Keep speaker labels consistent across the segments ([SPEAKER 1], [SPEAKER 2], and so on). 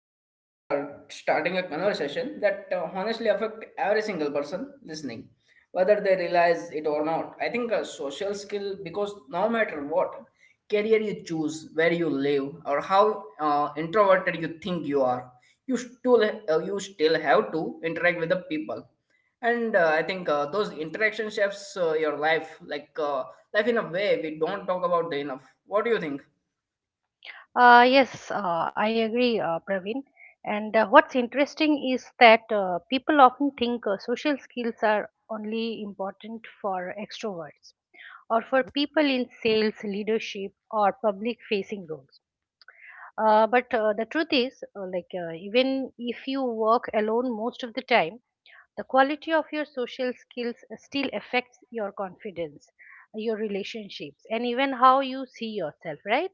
[SPEAKER 1] Today we are starting a conversation that honestly affect every single person listening, whether they realize it or not. I think a social skill because no matter what career you choose, where you live, or how introverted you think you are, you still have to interact with the people. And I think those interaction shapes your life, life in a way we don't talk about enough. What do you think?
[SPEAKER 2] Yes, I agree, Praveen. And what's interesting is that people often think social skills are only important for extroverts or for people in sales, leadership, or public facing roles. But The truth is, even if you work alone most of the time, the quality of your social skills still affects your confidence, your relationships, and even how you see yourself, right?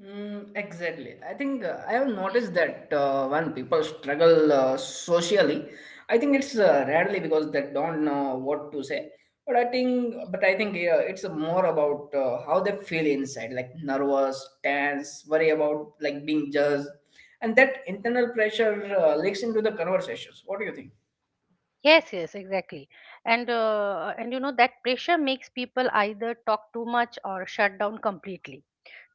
[SPEAKER 1] Mm, exactly. I think I have noticed that when people struggle socially, I think it's rarely because they don't know what to say. But I think yeah, it's more about how they feel inside, like nervous, tense, worry about like being judged, and that internal pressure leaks into the conversations. What do you think?
[SPEAKER 2] Yes, yes, exactly. And you know that pressure makes people either talk too much or shut down completely.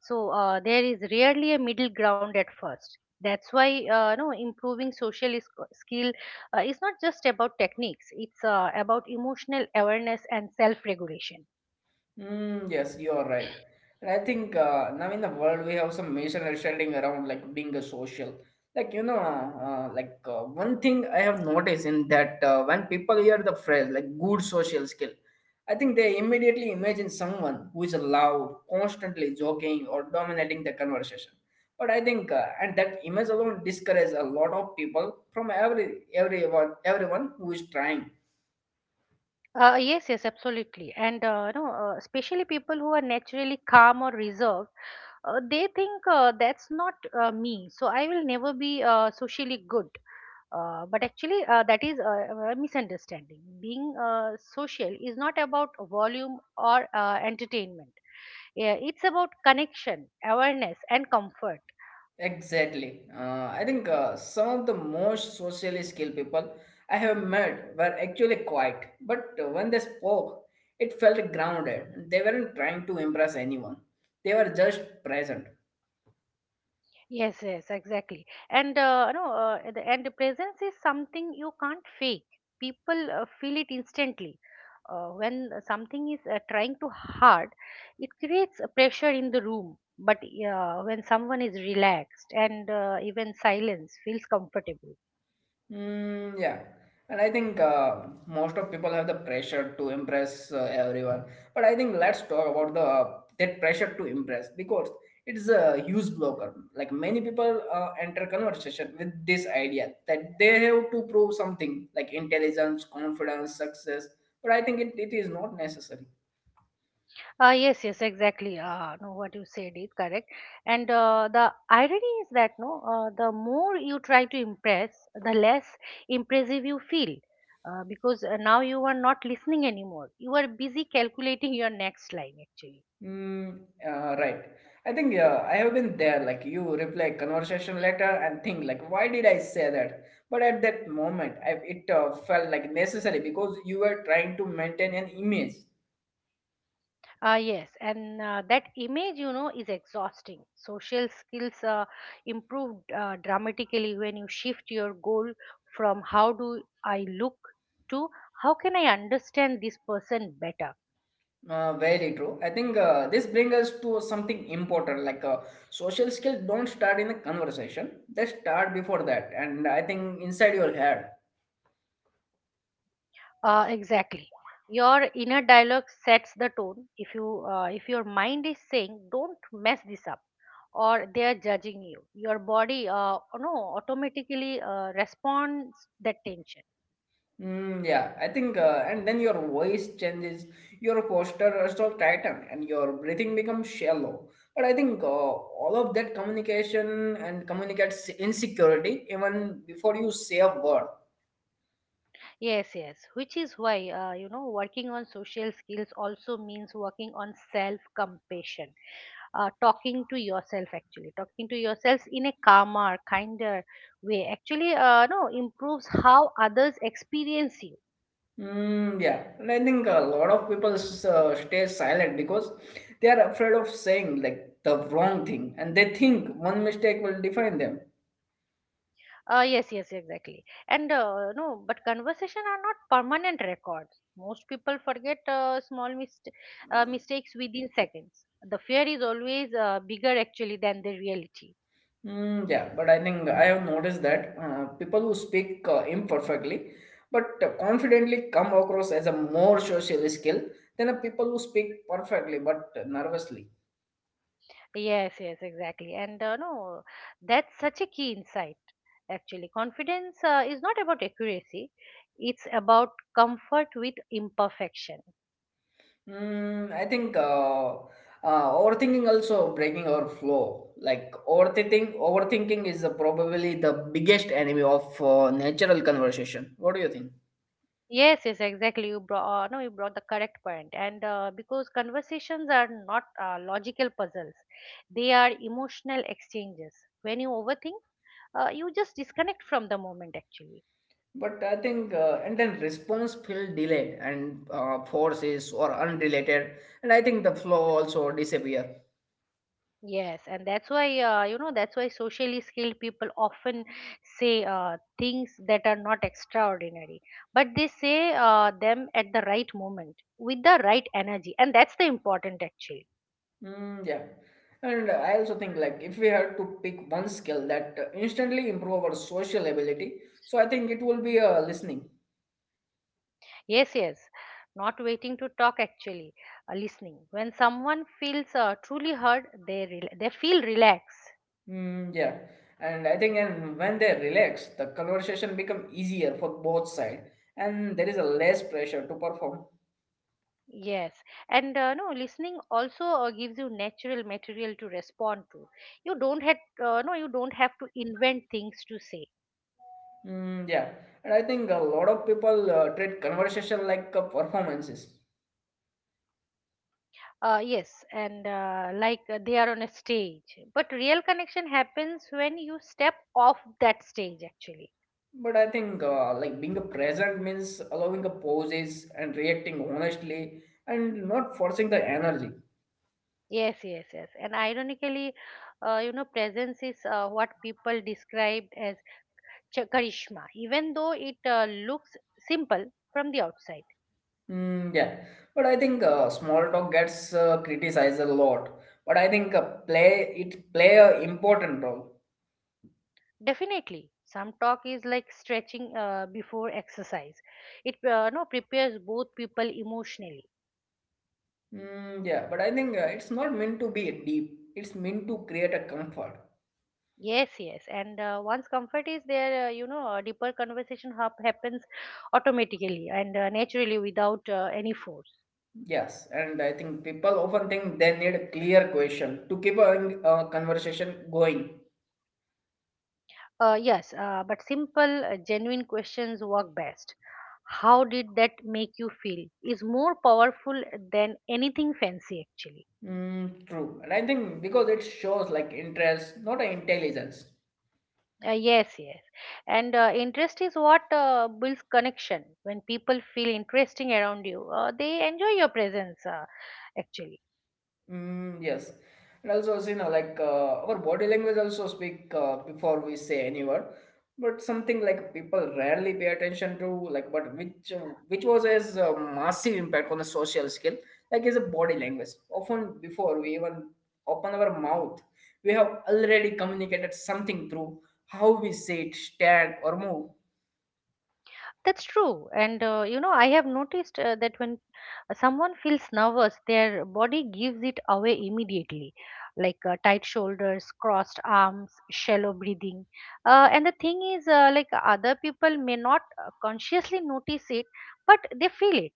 [SPEAKER 2] So there is rarely a middle ground at first. That's why no improving skill is not just about techniques. It's about emotional awareness and self-regulation.
[SPEAKER 1] Mm, yes, you are right. And I think now in the world we have some misunderstanding around like being a social. Like you know, one thing I have noticed in that when people hear the phrase like good social skill, I think they immediately imagine someone who is loud, constantly joking or dominating the conversation. But I think and that image alone discourages a lot of people from everyone who is trying.
[SPEAKER 2] Yes, yes, absolutely. And no, especially people who are naturally calm or reserved, they think that's not me, so I will never be socially good, but actually that is a misunderstanding. Being social is not about volume or entertainment. Yeah, it's about connection, awareness, and comfort.
[SPEAKER 1] Exactly. I think some of the most socially skilled people I have met were actually quiet, but when they spoke, it felt grounded. They weren't trying to impress anyone, they were just present.
[SPEAKER 2] Yes, yes, exactly. And the presence is something you can't fake. People feel it instantly. When something is trying too hard, it creates a pressure in the room. But when someone is relaxed, and even silence feels comfortable.
[SPEAKER 1] Mm, yeah, and I think most of people have the pressure to impress everyone. But I think let's talk about the that pressure to impress because it's a huge blocker. Like many people enter conversation with this idea that they have to prove something like intelligence, confidence, success. But I think it is not necessary.
[SPEAKER 2] Yes, yes, exactly. No, What you said is correct. And the irony is that, no, the more you try to impress, the less impressive you feel, because now you are not listening anymore. You are busy calculating your next line, actually.
[SPEAKER 1] Mm, right. I think I have been there. Like you reply conversation later and think like, why did I say that? But at that moment, it felt like necessary because you were trying to maintain an image.
[SPEAKER 2] Yes, and that image, you know, is exhausting. Social skills improve dramatically when you shift your goal from "How do I look?" to "How can I understand this person better?"
[SPEAKER 1] Very true. I think this brings us to something important. Like social skills don't start in a conversation; they start before that, and I think inside your head.
[SPEAKER 2] Exactly. Your inner dialogue sets the tone. If your mind is saying, "Don't mess this up," or "They are judging you," your body, no, automatically responds that tension.
[SPEAKER 1] Mm, yeah, I think, and then your voice changes, your posture starts tighten, and your breathing becomes shallow. But I think all of that communication and communicates insecurity even before you say a word.
[SPEAKER 2] Yes, yes. Which is why, you know, working on social skills also means working on self-compassion. Talking to yourself actually talking to yourself in a calmer, kinder way actually no improves how others experience you.
[SPEAKER 1] Mm, yeah, and I think a lot of people stay silent because they are afraid of saying like the wrong thing, and they think one mistake will define them.
[SPEAKER 2] Yes, yes, exactly. And but conversation are not permanent records. Most people forget small mistakes within seconds. The fear is always bigger actually than the reality.
[SPEAKER 1] Mm, yeah, but I think I have noticed that people who speak imperfectly but confidently come across as a more social skill than a people who speak perfectly but nervously.
[SPEAKER 2] Yes, yes, exactly. And no, that's such a key insight actually. Confidence is not about accuracy, it's about comfort with imperfection.
[SPEAKER 1] Mm, I think overthinking also breaking our flow. Like overthinking is probably the biggest enemy of natural conversation. What do you think?
[SPEAKER 2] Yes, yes, exactly. You brought no, you brought the correct point, and because conversations are not logical puzzles, they are emotional exchanges. When you overthink, you just disconnect from the moment actually.
[SPEAKER 1] But I think, and then response feel delayed and forces or unrelated, and I think the flow also disappear.
[SPEAKER 2] Yes, and that's why, you know, that's why socially skilled people often say things that are not extraordinary, but they say them at the right moment with the right energy, and that's the important actually.
[SPEAKER 1] Mm, yeah, and I also think like if we had to pick one skill that instantly improve our social ability, so I think it will be listening.
[SPEAKER 2] Yes, yes. Not waiting to talk actually, listening. When someone feels truly heard, they feel relaxed.
[SPEAKER 1] Mm, yeah, and I think and when they relax, the conversation become easier for both side, and there is a less pressure to perform.
[SPEAKER 2] Yes, and no, listening also gives you natural material to respond to. You don't have to invent things to say.
[SPEAKER 1] Mm, yeah, and I think a lot of people treat conversation like performances.
[SPEAKER 2] Yes, and they are on a stage, but real connection happens when you step off that stage actually.
[SPEAKER 1] But I think like being a present means allowing a pauses and reacting honestly and not forcing the energy.
[SPEAKER 2] Yes, yes, yes. And ironically, you know, presence is what people described as karishma, even though it looks simple from the outside.
[SPEAKER 1] Mm, yeah, but I think small talk gets criticized a lot. But I think play a important role.
[SPEAKER 2] Definitely, some talk is like stretching before exercise. It no prepares both people emotionally.
[SPEAKER 1] Mm, yeah, but I think it's not meant to be deep. It's meant to create a comfort.
[SPEAKER 2] Yes, yes. And once comfort is there, you know, a deeper conversation happens automatically and naturally without any force.
[SPEAKER 1] Yes, and I think people often think they need a clear question to keep a conversation going.
[SPEAKER 2] Yes, but simple, genuine questions work best. "How did that make you feel?" is more powerful than anything fancy, actually.
[SPEAKER 1] Mm, true. And I think because it shows like interest, not a intelligence.
[SPEAKER 2] Yes, yes. And interest is what builds connection. When people feel interesting around you, they enjoy your presence, actually.
[SPEAKER 1] Mm, yes. And also, you know, our body language also speak before we say any word, but something like people rarely pay attention to, like, but which was as a massive impact on the social skill, like is a body language. Often before we even open our mouth, we have already communicated something through how we sit, stand, or move.
[SPEAKER 2] That's true. And you know, I have noticed that when someone feels nervous, their body gives it away immediately, like tight shoulders, crossed arms, shallow breathing. And the thing is, like other people may not consciously notice it, but they feel it.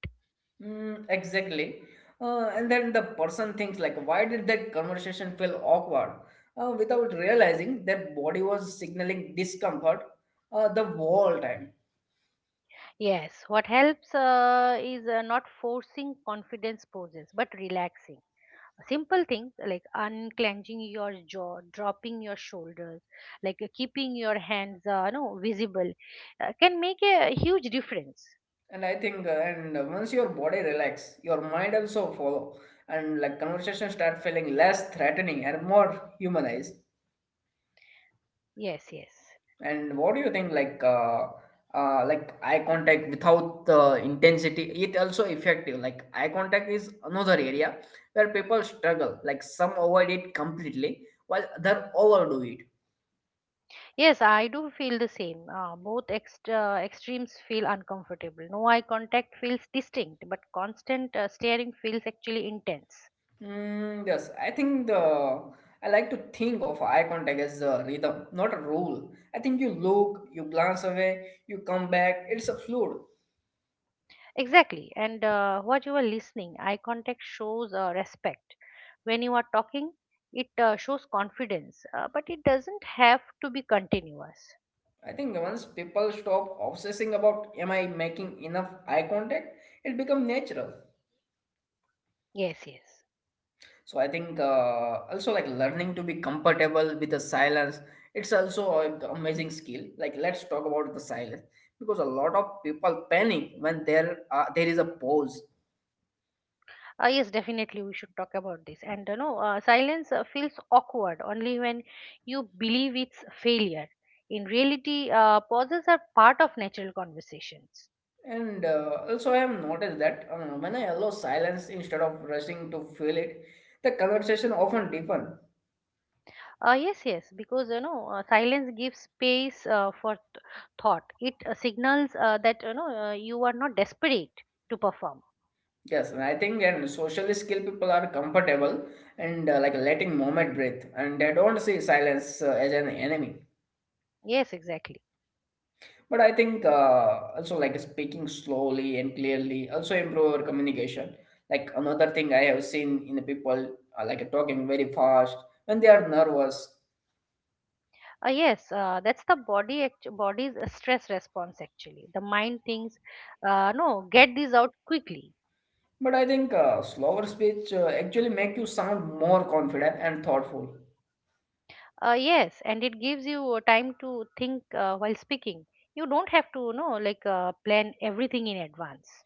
[SPEAKER 1] Mm, exactly. And then the person thinks like, why did that conversation feel awkward? Without realizing that body was signaling discomfort the whole time.
[SPEAKER 2] Yes, what helps is not forcing confidence poses, but relaxing. Simple things like unclenching your jaw, dropping your shoulders, keeping your hands you know visible can make a huge difference.
[SPEAKER 1] And I think, and once your body relax, your mind also follow, and like conversation start feeling less threatening and more humanized.
[SPEAKER 2] Yes, yes.
[SPEAKER 1] And what do you think, like eye contact without the intensity? It also effective. Like eye contact is another area where people struggle. Like some avoid it completely, while other overdo it.
[SPEAKER 2] Yes, I do feel the same. Both extra extremes feel uncomfortable. No eye contact feels distinct, but constant staring feels actually intense.
[SPEAKER 1] Mm, yes, I think the I like to think of eye contact as a rhythm, not a rule. I think you look, you glance away, you come back. It's a fluid.
[SPEAKER 2] Exactly. And what you are listening, eye contact shows respect. When you are talking, it shows confidence, but it doesn't have to be continuous.
[SPEAKER 1] I think once people stop obsessing about am I making enough eye contact, it become natural.
[SPEAKER 2] Yes, yes.
[SPEAKER 1] So I think also like learning to be comfortable with the silence, it's also an amazing skill. Like let's talk about the silence because a lot of people panic when there is a pause.
[SPEAKER 2] Yes, definitely we should talk about this. And you know, silence feels awkward only when you believe it's failure. In reality, pauses are part of natural conversations.
[SPEAKER 1] And also I have noticed that when I allow silence instead of rushing to fill it, the conversation often deepen.
[SPEAKER 2] Yes, yes, because you know, silence gives space for thought. It signals that, you know, you are not desperate to perform.
[SPEAKER 1] Yes, and I think and socially skilled people are comfortable and like letting moment breathe, and they don't see silence as an enemy.
[SPEAKER 2] Yes, exactly.
[SPEAKER 1] But I think also like speaking slowly and clearly also improve our communication. Like another thing I have seen in the people like talking very fast when they are nervous.
[SPEAKER 2] Yes, that's the body body's stress response actually. The mind thinks, no, get these out quickly.
[SPEAKER 1] But I think slower speech actually make you sound more confident and thoughtful.
[SPEAKER 2] Yes, and it gives you time to think while speaking. You don't have to, you know, plan everything in advance.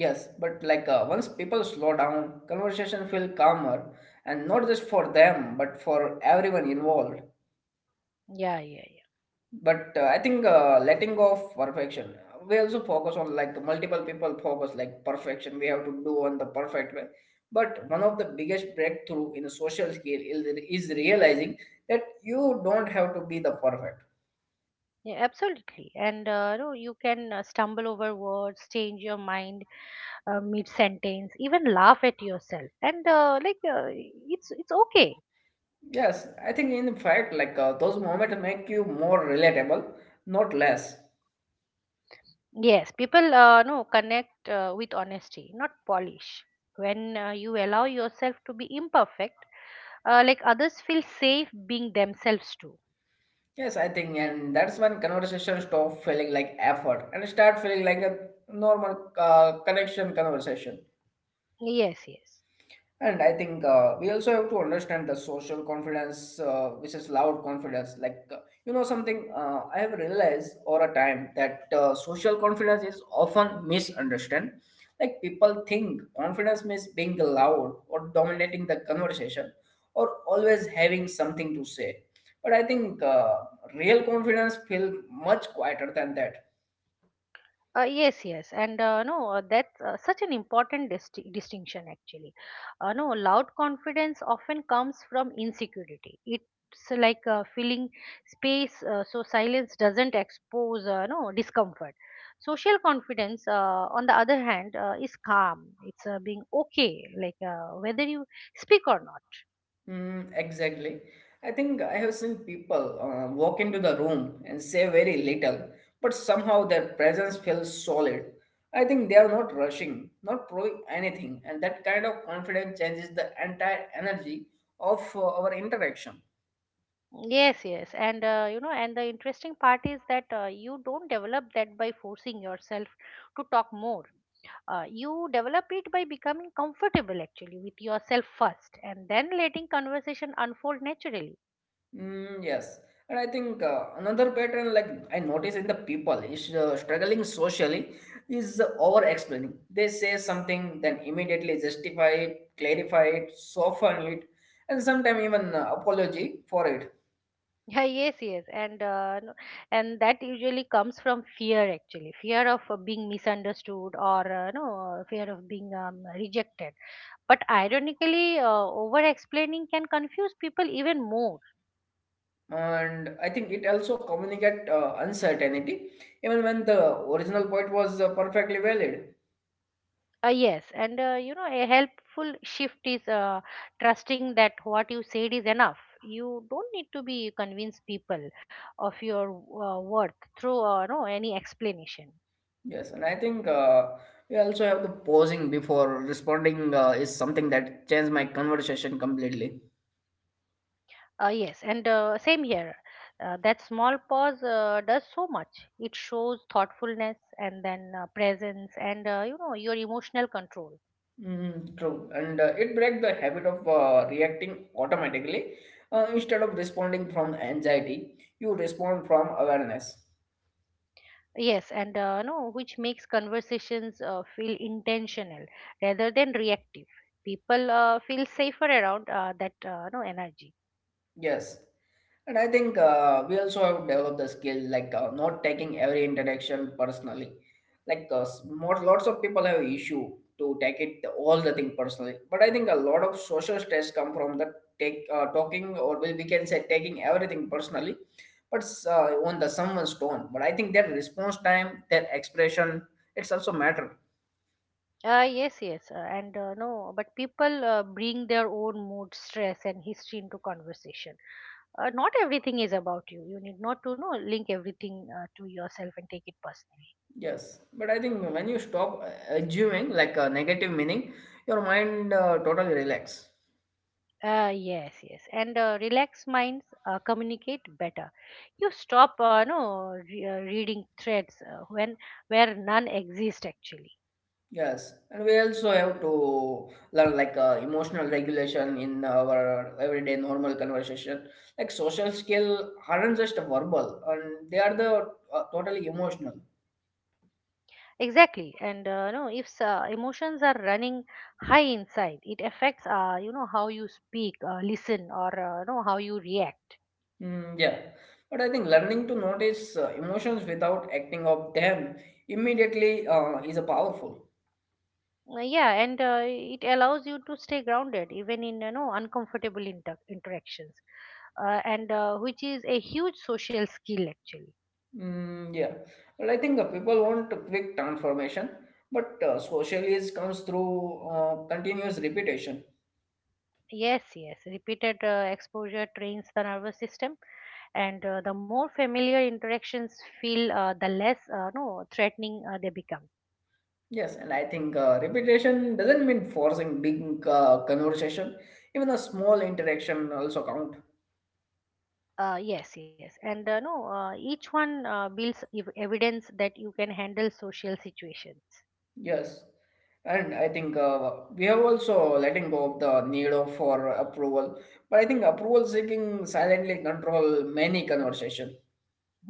[SPEAKER 1] Yes, but once people slow down, conversation feel calmer, and not just for them but for everyone involved.
[SPEAKER 2] Yeah, yeah, yeah.
[SPEAKER 1] But I think letting go of perfection we also focus on like multiple people focus like perfection we have to do on the perfect way, but one of the biggest breakthrough in the social skill is realizing that you don't have to be the perfect.
[SPEAKER 2] Yeah, absolutely. And no, you can stumble over words, change your mind mid sentence, even laugh at yourself. And it's okay.
[SPEAKER 1] Yes, I think in fact those moments make you more relatable, not less.
[SPEAKER 2] Yes, people connect with honesty, not polish. When you allow yourself to be imperfect, others feel safe being themselves too.
[SPEAKER 1] Yes, I think and that's when conversation stop feeling like effort and start feeling like a normal connection conversation.
[SPEAKER 2] Yes, yes.
[SPEAKER 1] And I think we also have to understand the social confidence, which is loud confidence. Like, you know, something I have realized over a time that social confidence is often misunderstood. Like, people think confidence means being loud or dominating the conversation or always having something to say. But I think real confidence feels much quieter than that.
[SPEAKER 2] Yes, yes, and no, that's such an important distinction actually. No, Loud confidence often comes from insecurity. It's like filling space, so silence doesn't expose no discomfort. Social confidence, on the other hand, is calm. It's being okay, whether you speak or not.
[SPEAKER 1] Mm, exactly. I think I have seen people walk into the room and say very little, but somehow their presence feels solid. I think they are not rushing, not proving anything, and that kind of confidence changes the entire energy of our interaction.
[SPEAKER 2] Yes, yes, and the interesting part is that you don't develop that by forcing yourself to talk more. You develop it by becoming comfortable actually with yourself first, and then letting conversation unfold naturally.
[SPEAKER 1] Mm, yes, and I think another pattern like I notice in the people is struggling socially is over explaining. They say something, then immediately justify it, clarify it, soften it, and sometimes even apology for it.
[SPEAKER 2] Yeah, yes, yes, and no- and that usually comes from fear actually, fear of being misunderstood or, no, fear of being rejected. But ironically, over explaining can confuse people even more.
[SPEAKER 1] And I think it also communicate uncertainty, even when the original point was perfectly valid.
[SPEAKER 2] Yes, and you know, a helpful shift is trusting that what you said is enough. You don't need to be convince people of your worth through no any explanation.
[SPEAKER 1] Yes, and I think we also have the pausing before responding is something that changed my conversation completely.
[SPEAKER 2] Yes, and same here. That small pause does so much. It shows thoughtfulness and then presence and you know your emotional control.
[SPEAKER 1] Mm, true, and it breaks the habit of reacting automatically instead of responding from anxiety. You respond from awareness.
[SPEAKER 2] Yes, and no, which makes conversations feel intentional rather than reactive. People feel safer around that no energy.
[SPEAKER 1] Yes, and I think we also have developed the skill like not taking every interaction personally. Like more, lots of people have issue to take it all the thing personally. But I think a lot of social stress come from the take talking or well, we can say taking everything personally. But on the someone's tone. But I think their response time, their expression, it's also matter.
[SPEAKER 2] Yes, yes, and no, but people bring their own mood, stress, and history into conversation. Not everything is about you. You need not to know link everything to yourself and take it personally.
[SPEAKER 1] Yes, but I think when you stop assuming like a negative meaning, your mind totally relax.
[SPEAKER 2] Yes, yes, and relaxed minds communicate better. You stop, no, re- reading threads when where none exist actually.
[SPEAKER 1] Yes, and we also have to learn like emotional regulation in our everyday normal conversation. Like social skill aren't just verbal, and they are the totally emotional.
[SPEAKER 2] Exactly, and if emotions are running high inside, it affects, you know, how you speak, listen, or, no, how you react.
[SPEAKER 1] Mm, yeah, but I think learning to notice emotions without acting of them immediately is a powerful.
[SPEAKER 2] Yeah, and it allows you to stay grounded even in, you know, uncomfortable interactions, and which is a huge social skill actually.
[SPEAKER 1] Mm, yeah, but I think people want a quick transformation, but social is comes through continuous repetition.
[SPEAKER 2] Yes, yes. Repeated exposure trains the nervous system, and the more familiar interactions feel, the less no threatening they become.
[SPEAKER 1] Yes, and I think repetition doesn't mean forcing big conversation. Even a small interaction also count.
[SPEAKER 2] Yes, yes, and no, each one builds evidence that you can handle social situations.
[SPEAKER 1] Yes, and I think we have also letting go of the need of for approval. But I think approval seeking silently control many conversation.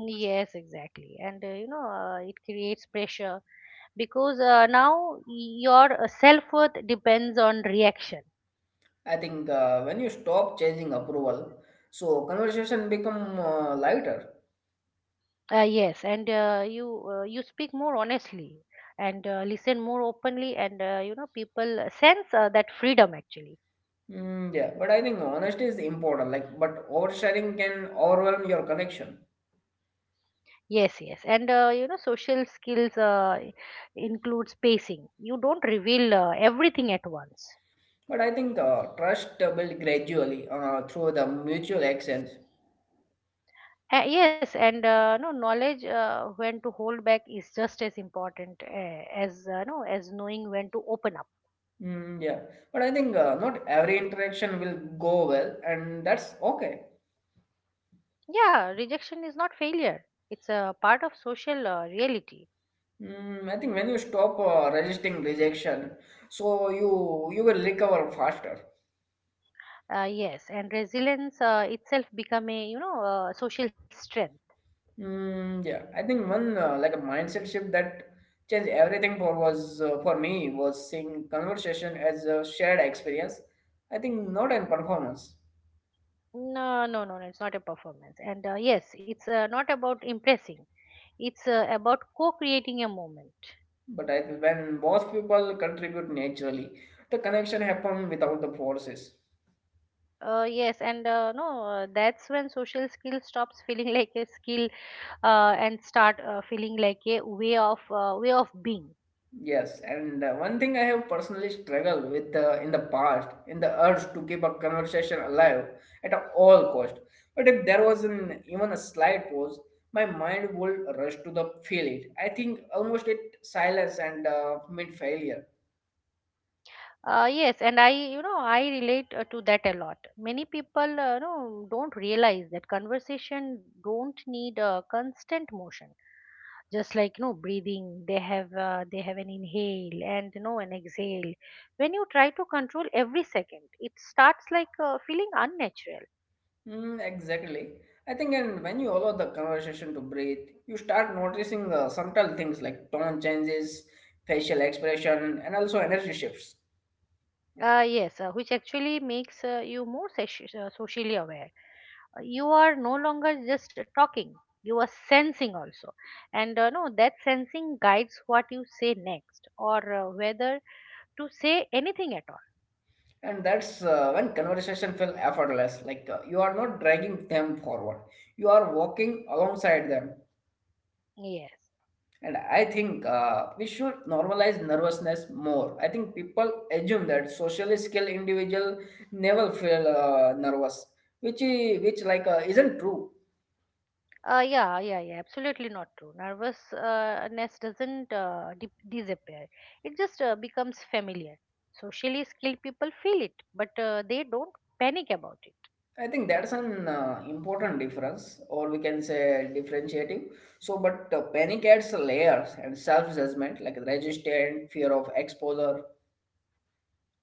[SPEAKER 2] Yes, exactly, and you know, it creates pressure because now your self worth depends on reaction.
[SPEAKER 1] I think when you stop chasing approval, so conversation become lighter.
[SPEAKER 2] Yes, and you speak more honestly and listen more openly, and you know people sense that freedom actually.
[SPEAKER 1] Mm, yeah, but I think honesty is important. Like, but oversharing can overwhelm your connection.
[SPEAKER 2] Yes, yes, and you know social skills include spacing. You don't reveal everything at once.
[SPEAKER 1] But I think trust built gradually through the mutual actions.
[SPEAKER 2] Yes, and no knowledge when to hold back is just as important as no as knowing when to open up.
[SPEAKER 1] Mm, yeah. But I think not every interaction will go well, and that's okay.
[SPEAKER 2] Yeah, rejection is not failure. It's a part of social reality.
[SPEAKER 1] Mm, I think when you stop resisting rejection, so you will recover faster.
[SPEAKER 2] Yes, and resilience itself become a, you know, social strength.
[SPEAKER 1] Mm, yeah. I think one like a mindset shift that changed everything for was for me was seeing conversation as a shared experience. I think not in performance.
[SPEAKER 2] No, no, no, no, it's not a performance. And yes, it's not about impressing. It's about co-creating a moment.
[SPEAKER 1] But I, when both people contribute naturally, the connection happen without the forces.
[SPEAKER 2] Yes, and no, that's when social skill stops feeling like a skill and start feeling like a way of being.
[SPEAKER 1] Yes, and one thing I have personally struggled with in the past, in the urge to keep a conversation alive at all cost. But if there was an, even a slight pause, my mind would rush to the feel it. I think almost it silence and meant failure.
[SPEAKER 2] Yes, and I relate to that a lot. Many people, don't realize that conversation don't need constant motion. Just like you know breathing, they have an inhale and you know an exhale. When you try to control every second, it starts like feeling unnatural.
[SPEAKER 1] Mm, exactly. I think, and when you allow the conversation to breathe, you start noticing subtle things like tone changes, facial expression, and also energy shifts.
[SPEAKER 2] Yes, which actually makes you more socially aware. You are no longer just talking, you are sensing also, and no, that sensing guides what you say next or whether to say anything at
[SPEAKER 1] And that's when conversation feel effortless. Like you are not dragging them forward, you are walking alongside them.
[SPEAKER 2] all. Yes.
[SPEAKER 1] And I think we should normalize nervousness more. I think people assume that socially skilled individual never feel nervous, which like isn't true.
[SPEAKER 2] Yeah, yeah, yeah, absolutely not true. Nervousness doesn't dip disappear, it just becomes familiar. Socially skilled people feel it, but they don't panic about it.
[SPEAKER 1] I think that's an important difference, or we can say differentiative. So, but panic adds layers and self-judgment, like resistance, fear of exposure,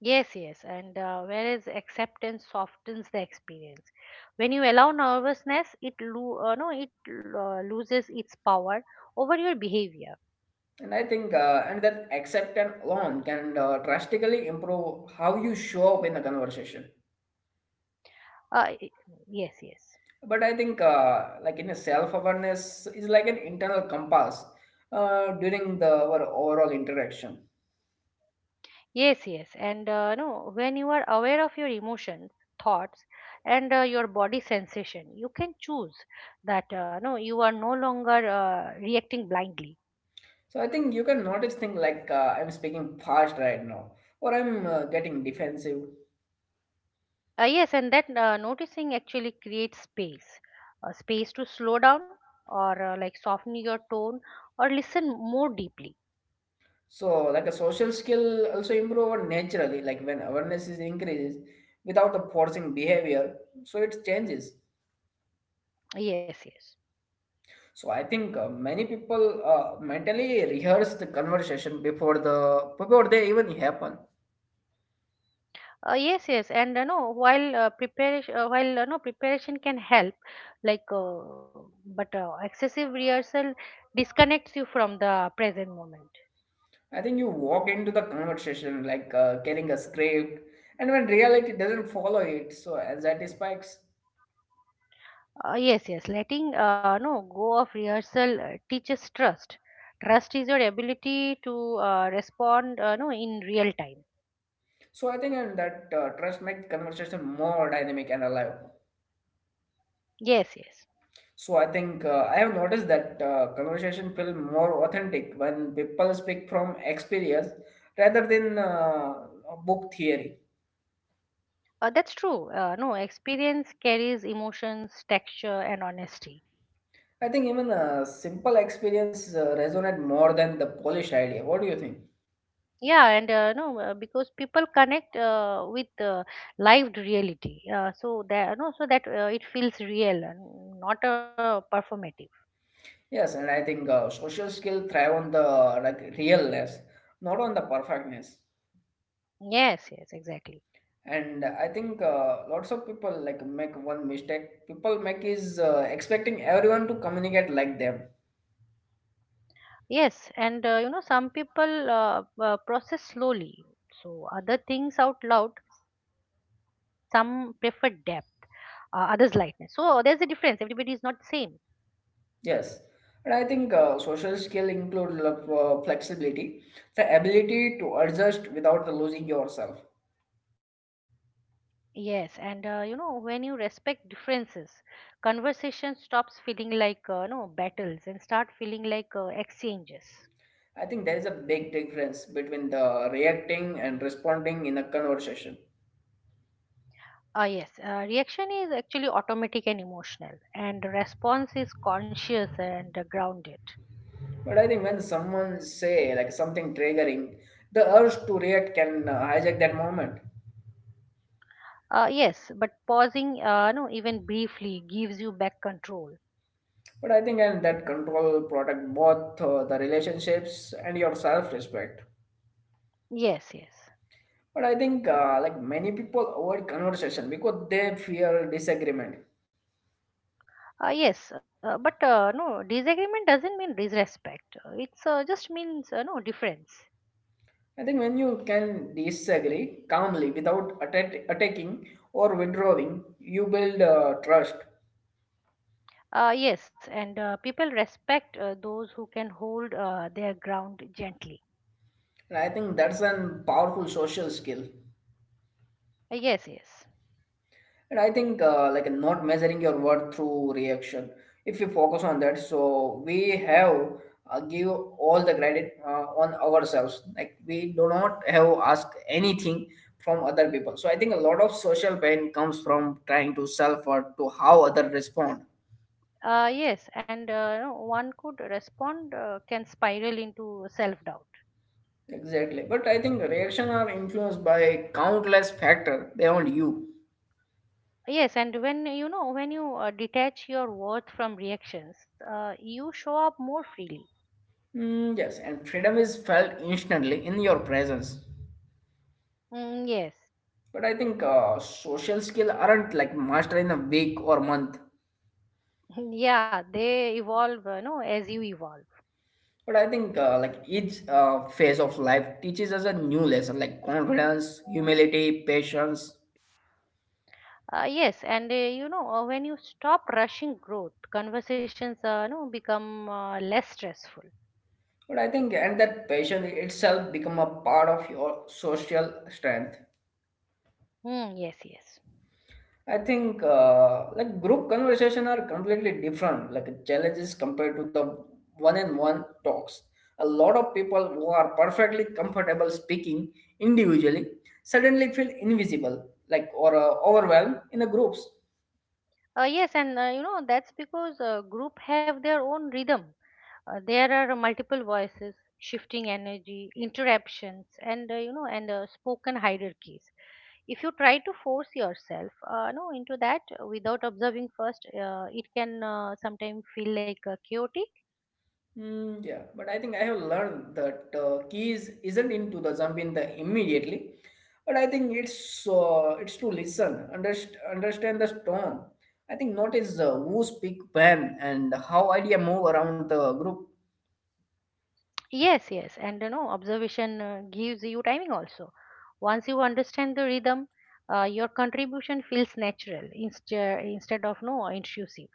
[SPEAKER 2] Yes, yes, and whereas acceptance softens the experience. When you allow nervousness, no, it loses its power over your behavior.
[SPEAKER 1] and I think and that acceptance alone can drastically improve how you show up in a conversation.
[SPEAKER 2] Uh, i- yes, yes.
[SPEAKER 1] But I think like in a self-awareness is like an internal compass during the our overall interaction.
[SPEAKER 2] Yes, yes. And no, when you are aware of your emotions, thoughts, and your body sensation, you can choose that no, you are no longer reacting blindly.
[SPEAKER 1] So I think you can notice things like I'm speaking fast right now, or I'm getting defensive.
[SPEAKER 2] Yes, and that noticing actually creates space, space to slow down or like soften your tone or listen more deeply.
[SPEAKER 1] So, like a social skill also improve naturally, like when awareness is increased without the forcing behavior, so it changes.
[SPEAKER 2] Yes, yes.
[SPEAKER 1] So, I think many people mentally rehearse the conversation before they even happen.
[SPEAKER 2] Yes, yes, and you know, preparation can help, like, uh, but excessive rehearsal disconnects you from the present moment.
[SPEAKER 1] I think you walk into the conversation like carrying a script, and when reality doesn't follow it, so anxiety spikes.
[SPEAKER 2] Yes, yes, letting no, go of rehearsal teaches trust. Trust is your ability to respond, no, in real time.
[SPEAKER 1] So, I think and that trust makes conversation more dynamic and alive.
[SPEAKER 2] Yes, yes,
[SPEAKER 1] So I think I have noticed that conversation feel more authentic when people speak from experience rather than book theory.
[SPEAKER 2] that's true. No, experience carries emotions, texture, and honesty.
[SPEAKER 1] I think even a simple experience resonate more than the polished idea. What do you think?
[SPEAKER 2] Yeah, and no, because people connect with lived reality, so that no so that it feels real and not performative.
[SPEAKER 1] Yes, and I think social skill thrive on the like realness, not on the perfectness.
[SPEAKER 2] Yes, yes, exactly.
[SPEAKER 1] And I think lots of people like make one mistake. People make is expecting everyone to communicate like them.
[SPEAKER 2] Yes, and you know, some people process slowly, so other things out loud, some prefer depth, others lightness, so there's a difference, everybody is not same.
[SPEAKER 1] Yes, and I think social skill include flexibility, the ability to adjust without the losing yourself.
[SPEAKER 2] Yes, and you know, when you respect differences, conversation stops feeling like no, battles and start feeling like exchanges.
[SPEAKER 1] I think there is a big difference between the reacting and responding in a conversation.
[SPEAKER 2] Ah, yes, reaction is actually automatic and emotional, and response is conscious and grounded.
[SPEAKER 1] But I think when someone say like something triggering, the urge to react can hijack that moment.
[SPEAKER 2] Yes, but pausing, no, even briefly, gives you back control.
[SPEAKER 1] But I think and that control protect both the relationships and your self-respect.
[SPEAKER 2] Yes, yes.
[SPEAKER 1] But I think like many people avoid conversation because they fear disagreement.
[SPEAKER 2] Yes, but no, disagreement doesn't mean disrespect. It's just means no, difference.
[SPEAKER 1] I think when you can disagree calmly without attacking or withdrawing, you build trust.
[SPEAKER 2] Yes, and people respect those who can hold their ground gently.
[SPEAKER 1] And I think that's an powerful social skill.
[SPEAKER 2] Yes, yes.
[SPEAKER 1] And I think like not measuring your worth through reaction. If you focus on that, so we have give all the credit on ourselves. Like we do not have ask anything from other people. So I think a lot of social pain comes from trying to self or to how other respond.
[SPEAKER 2] Yes, and you know, one could respond, can spiral into self doubt.
[SPEAKER 1] Exactly. But I think reaction are influenced by countless factors beyond you.
[SPEAKER 2] Yes, and when you detach your worth from reactions, you show up more freely.
[SPEAKER 1] Mm, yes, and freedom is felt instantly in your presence.
[SPEAKER 2] Mm, yes.
[SPEAKER 1] But I think social skill aren't like mastered in a week or month.
[SPEAKER 2] Yeah, they evolve, you know, as you evolve.
[SPEAKER 1] But I think like each phase of life teaches us a new lesson like confidence, humility, patience.
[SPEAKER 2] Yes, and when you stop rushing growth, conversations, become less stressful.
[SPEAKER 1] But I think and that patience itself become a part of your social strength.
[SPEAKER 2] Mm, yes, yes.
[SPEAKER 1] I think like group conversation are completely different, like challenges compared to the one-on-one talks. A lot of people who are perfectly comfortable speaking individually suddenly feel invisible, like or overwhelmed in the groups.
[SPEAKER 2] Yes, and you know, that's because group have their own rhythm. There are multiple voices, shifting energy, interruptions, and spoken hierarchies. If you try to force yourself, no, into that without observing first, it can sometimes feel like chaotic.
[SPEAKER 1] Mm, yeah, but I think I have learned that keys isn't into the jump in the immediately, but I think it's to listen, understand the tone. I think notice who speak when and how idea move around the group.
[SPEAKER 2] Yes, yes, and you know, observation gives you timing also. Once you understand the rhythm, your contribution feels natural instead of no, intrusive.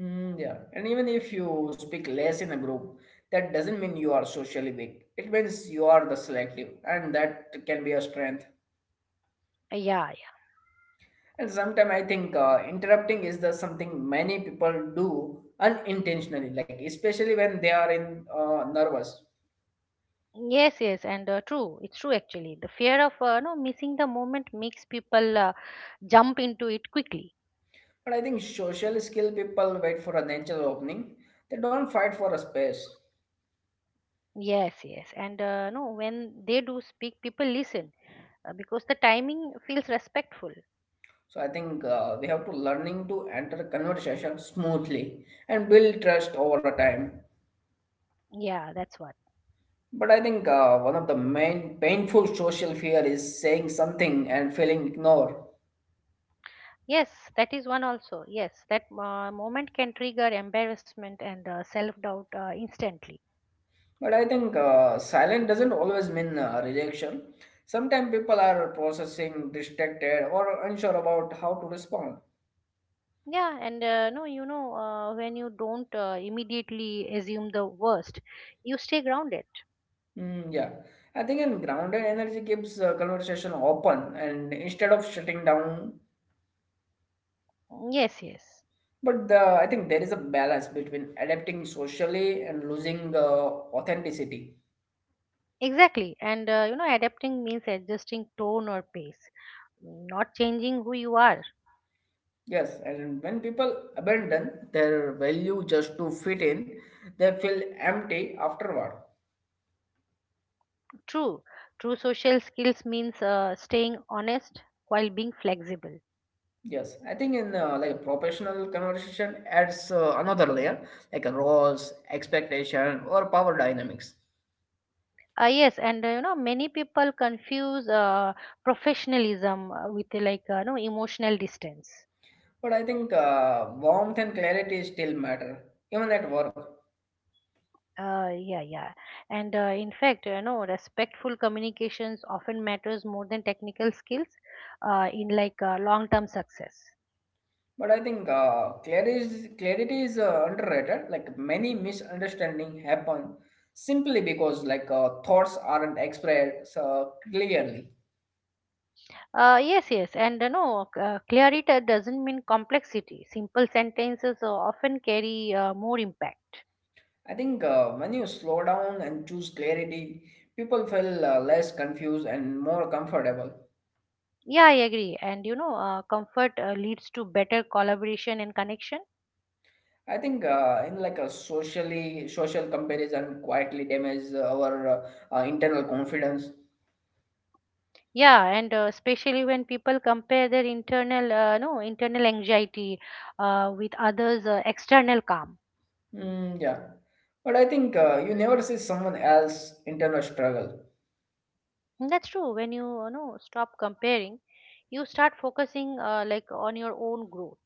[SPEAKER 1] Mm, yeah, and even if you speak less in a group, that doesn't mean you are socially weak. It means you are the selective, and that can be a strength.
[SPEAKER 2] Yeah.
[SPEAKER 1] And sometimes I think interrupting is the something many people do unintentionally, like especially when they are in nervous.
[SPEAKER 2] Yes, yes, and true. It's true actually. The fear of no, missing the moment makes people jump into it quickly.
[SPEAKER 1] But I think social skill people wait for a natural opening; they don't fight for a space.
[SPEAKER 2] Yes, yes, and no, when they do speak, people listen because the timing feels respectful.
[SPEAKER 1] So I think we have to learning to enter conversation smoothly and build trust over a time.
[SPEAKER 2] Yeah, that's what.
[SPEAKER 1] But I think one of the main painful social fear is saying something and feeling ignored.
[SPEAKER 2] Yes, that is one also. Yes, that moment can trigger embarrassment and self-doubt instantly.
[SPEAKER 1] But I think silent doesn't always mean rejection. Sometimes people are processing, distracted, or unsure about how to respond.
[SPEAKER 2] Yeah, and no, you know, when you don't immediately assume the worst, you stay grounded.
[SPEAKER 1] Mm, yeah, I think in grounded energy keeps conversation open and instead of shutting down.
[SPEAKER 2] Yes, yes.
[SPEAKER 1] But the, I think there is a balance between adapting socially and losing authenticity.
[SPEAKER 2] Exactly. And you know, adapting means adjusting tone or pace, not changing who you are.
[SPEAKER 1] Yes, and when people abandon their value just to fit in, they feel empty afterward.
[SPEAKER 2] True. True social skills means staying honest while being flexible.
[SPEAKER 1] Yes, I think in like a professional conversation adds another layer, like a roles, expectation, or power dynamics.
[SPEAKER 2] Yes, and you know, many people confuse professionalism with no, emotional distance.
[SPEAKER 1] But I think warmth and clarity still matter, even at work.
[SPEAKER 2] Yeah, yeah. And in fact, you know, respectful communications often matters more than technical skills in like long-term success.
[SPEAKER 1] But I think clarity is underrated. Like many misunderstanding happen simply because like thoughts aren't expressed clearly.
[SPEAKER 2] Yes, yes, and no, clarity doesn't mean complexity. Simple sentences often carry more impact.
[SPEAKER 1] I think when you slow down and choose clarity, people feel less confused and more comfortable.
[SPEAKER 2] Yeah, I agree. And you know, comfort leads to better collaboration and connection.
[SPEAKER 1] I think in like a socially social comparison quietly damages our internal confidence.
[SPEAKER 2] Yeah, and especially when people compare their internal, no, internal anxiety with others' external calm.
[SPEAKER 1] Mm, yeah, but I think you never see someone else internal struggle.
[SPEAKER 2] And that's true. When you know, stop comparing, you start focusing like on your own growth.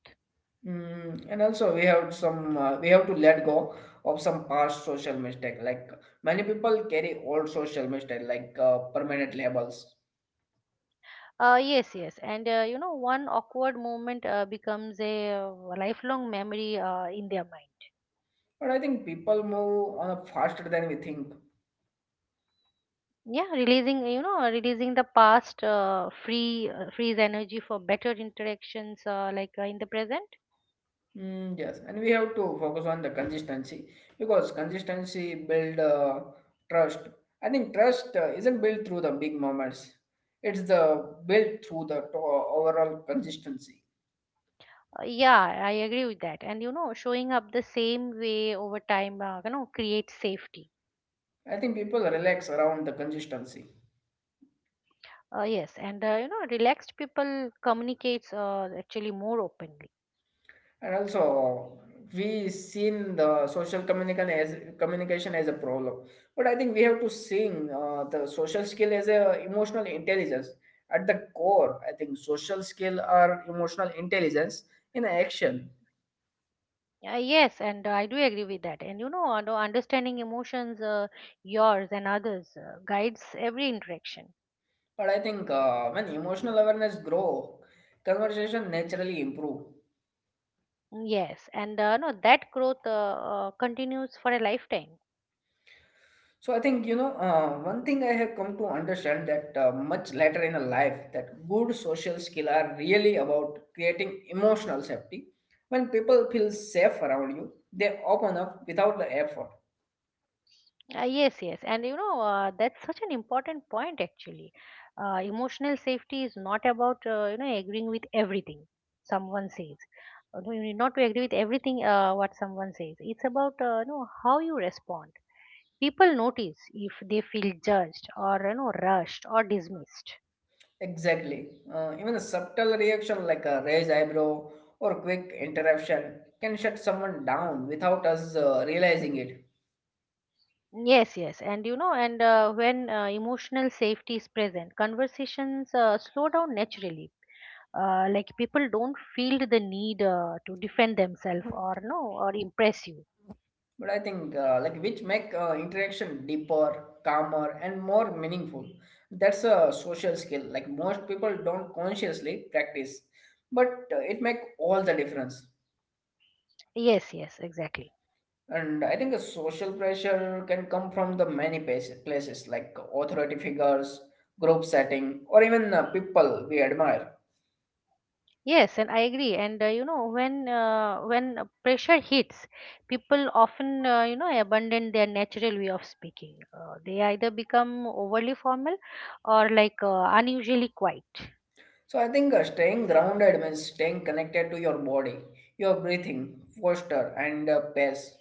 [SPEAKER 1] Mm, and also we have some we have to let go of some past social mistake. Like many people carry old social mistake like permanent labels.
[SPEAKER 2] Yes, yes, and you know, one awkward moment becomes a lifelong memory in their mind.
[SPEAKER 1] But I think people move on faster than we think.
[SPEAKER 2] Yeah, releasing the past frees energy for better interactions, in the present.
[SPEAKER 1] Mm, yes, and we have to focus on the consistency because consistency build trust. I think trust isn't built through the big moments. It's the built through the overall consistency.
[SPEAKER 2] Yeah, I agree with that. And you know, showing up the same way over time, creates safety.
[SPEAKER 1] I think people relax around the consistency.
[SPEAKER 2] Yes, and you know, relaxed people communicates actually more openly.
[SPEAKER 1] And also, we seen the social communication as a problem, but I think we have to sing the social skill as a emotional intelligence. At the core, I think social skill are emotional intelligence in action.
[SPEAKER 2] Yes, and I do agree with that. And you know, understanding emotions, yours and others, guides every interaction.
[SPEAKER 1] But I think when emotional awareness grow, conversation naturally improve.
[SPEAKER 2] Mm, yes, and no, that growth continues for a lifetime.
[SPEAKER 1] So I think you know one thing I have come to understand that much later in a life that good social skill are really about creating emotional safety. When people feel safe around you, they open up without the effort.
[SPEAKER 2] Yes, yes, and you know, that's such an important point actually. Emotional safety is not about you know, agreeing with everything someone says. No, you need not to agree with everything what someone says. It's about you know how you respond. People notice if they feel judged or you know rushed or dismissed.
[SPEAKER 1] Exactly. Even a subtle reaction like a raised eyebrow or quick interruption can shut someone down without us realizing it.
[SPEAKER 2] Yes, yes, and you know, and when emotional safety is present, conversations slow down naturally. Like, people don't feel the need to defend themselves or no or impress you.
[SPEAKER 1] But I think like which make interaction deeper, calmer, and more meaningful. That's a social skill. Like most people don't consciously practice, but it make all the difference.
[SPEAKER 2] Yes, yes, exactly.
[SPEAKER 1] And I think the social pressure can come from the many places like authority figures, group setting, or even people we admire.
[SPEAKER 2] Yes, and I agree. And you know, when pressure hits, people often you know abandon their natural way of speaking. They either become overly formal or like unusually quiet.
[SPEAKER 1] So I think staying grounded means staying connected to your body, your breathing, posture, and pace.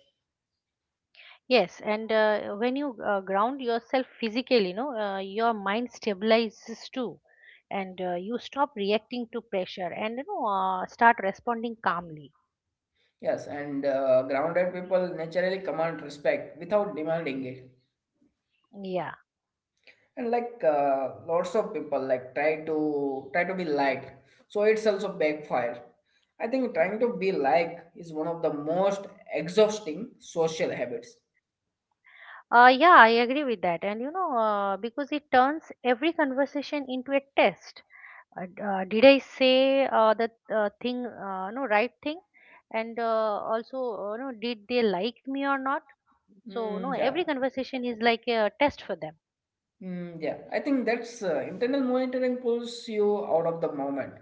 [SPEAKER 2] Yes, and when you ground yourself physically, you know, your mind stabilizes too, and you stop reacting to pressure and you know start responding calmly.
[SPEAKER 1] Yes, and grounded people naturally command respect without demanding it.
[SPEAKER 2] Yeah.
[SPEAKER 1] And like lots of people like try to be liked, so it's also backfire. I think trying to be like is one of the most exhausting social habits.
[SPEAKER 2] Yeah, I agree with that. And you know, because it turns every conversation into a test. Did I say the thing, no, right thing? And also, no, did they like me or not? So, no,
[SPEAKER 1] Hmm.
[SPEAKER 2] every
[SPEAKER 1] Yeah,
[SPEAKER 2] conversation is like a test for them.
[SPEAKER 1] hmm. Yeah. I think that's internal monitoring pulls you out of the moment.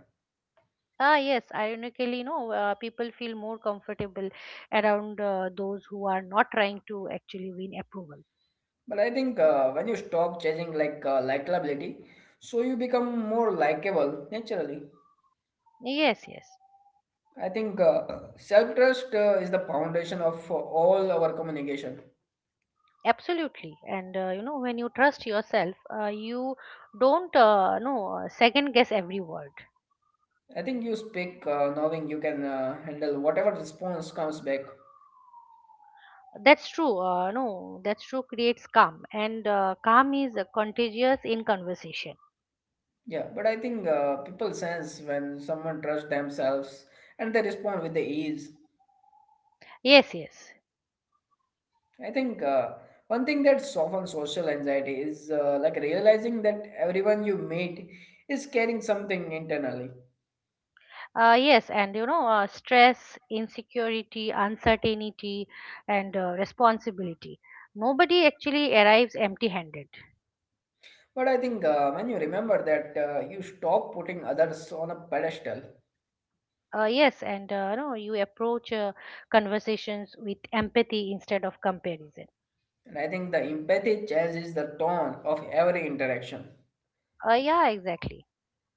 [SPEAKER 2] Ah, yes, ironically, no, people feel more comfortable around those who are not trying to actually win approval.
[SPEAKER 1] But I think when you stop chasing like likability, so you become more likable naturally.
[SPEAKER 2] Yes, yes.
[SPEAKER 1] I think self trust is the foundation of all our communication.
[SPEAKER 2] Absolutely, and you know, when you trust yourself, you don't no, second guess every word.
[SPEAKER 1] I think you speak knowing you can handle whatever response comes back.
[SPEAKER 2] That's true uh, no That's true, creates calm, and calm is contagious in conversation.
[SPEAKER 1] Yeah, but I think people sense when someone trusts themselves and they respond with the ease.
[SPEAKER 2] Yes, yes.
[SPEAKER 1] I think one thing that softens social anxiety is like realizing that everyone you meet is carrying something internally.
[SPEAKER 2] Yes, and you know, stress, insecurity, uncertainty, and responsibility, nobody actually arrives empty handed.
[SPEAKER 1] But I think when you remember that, you stop putting others on a pedestal.
[SPEAKER 2] Yes, and no, you approach conversations with empathy instead of comparison.
[SPEAKER 1] And I think the empathy changes the tone of every interaction.
[SPEAKER 2] Yeah, exactly.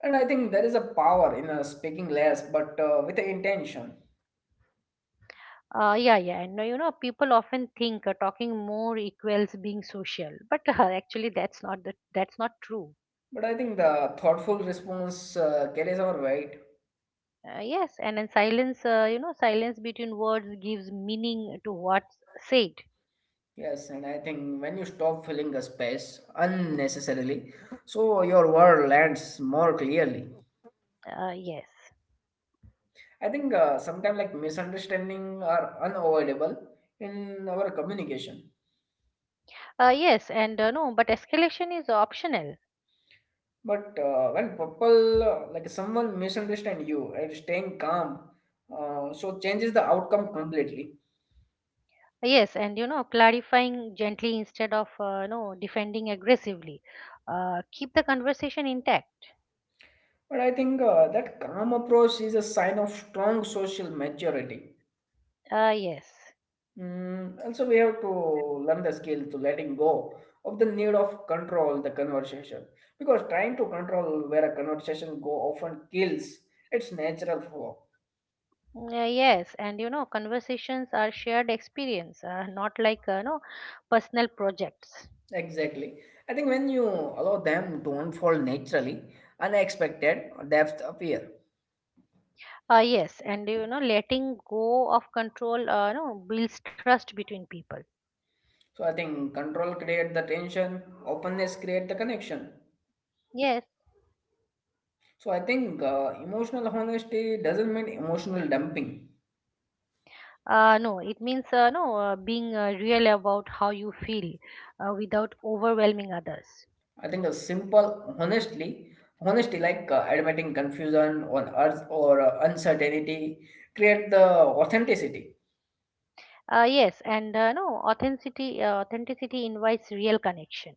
[SPEAKER 1] And I think there is a power in speaking less but with the intention.
[SPEAKER 2] Yeah, yeah, and you know, people often think talking more equals being social, but actually, that's not true.
[SPEAKER 1] But I think the thoughtful response carries our weight.
[SPEAKER 2] Yes, and then silence between words gives meaning to what's said.
[SPEAKER 1] Yes, and I think when you stop filling the space unnecessarily, so your word lands more clearly.
[SPEAKER 2] Yes.
[SPEAKER 1] I think sometimes like misunderstanding are unavoidable in our communication.
[SPEAKER 2] Yes, and no, but escalation is optional.
[SPEAKER 1] But when people, like someone misunderstand you and staying calm, so changes the outcome completely.
[SPEAKER 2] Yes, and you know, clarifying gently instead of no, defending aggressively, keep the conversation intact.
[SPEAKER 1] But I think that calm approach is a sign of strong social maturity.
[SPEAKER 2] Yes.
[SPEAKER 1] Mm, also, we have to learn the skill to letting go of the need of control the conversation, because trying to control where a conversation go often kills its natural flow.
[SPEAKER 2] Yeah, yes, and you know, conversations are shared experience, not like no, personal projects.
[SPEAKER 1] Exactly. I think when you allow them to unfold naturally, unexpected depth appear.
[SPEAKER 2] Yes, and you know, letting go of control, no, builds trust between people.
[SPEAKER 1] So I think control create the tension, openness create the connection.
[SPEAKER 2] Yes,
[SPEAKER 1] So I think emotional honesty doesn't mean emotional dumping.
[SPEAKER 2] no, it means no being real about how you feel without overwhelming others.
[SPEAKER 1] I think a simple honesty like admitting confusion on earth or uncertainty create the authenticity.
[SPEAKER 2] Yes, and no authenticity. Authenticity invites real connection.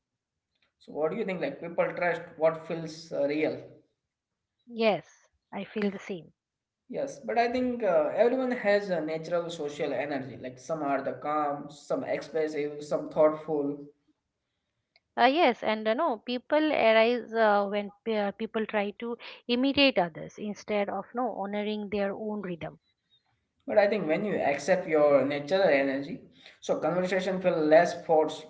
[SPEAKER 1] So what do you think? Like people trust what feels real.
[SPEAKER 2] Yes, I feel the same.
[SPEAKER 1] Yes, but I think everyone has a natural social energy. Like some are the calm, some expressive, some thoughtful.
[SPEAKER 2] Yes, and no, people arise when people try to imitate others instead of no, honoring their own rhythm.
[SPEAKER 1] But I think when you accept your natural energy, so conversation feel less forced,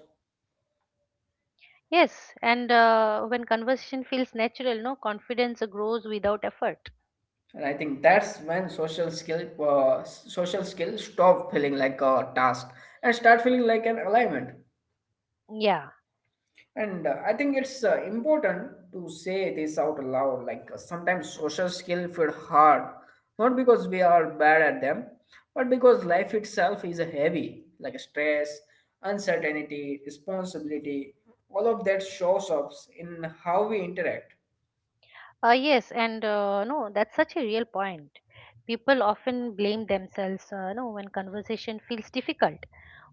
[SPEAKER 2] Yes, and when conversation feels natural, no, confidence grows without effort.
[SPEAKER 1] and I think that's when social skills stop feeling like a task and start feeling like an alignment.
[SPEAKER 2] Yeah.
[SPEAKER 1] And I think it's important to say this out loud. Like sometimes social skill feel hard, not because we are bad at them, but because life itself is heavy, like stress, uncertainty, responsibility. All of that shows up in how we interact.
[SPEAKER 2] Yes, and no, that's such a real point. People often blame themselves, no, when conversation feels difficult,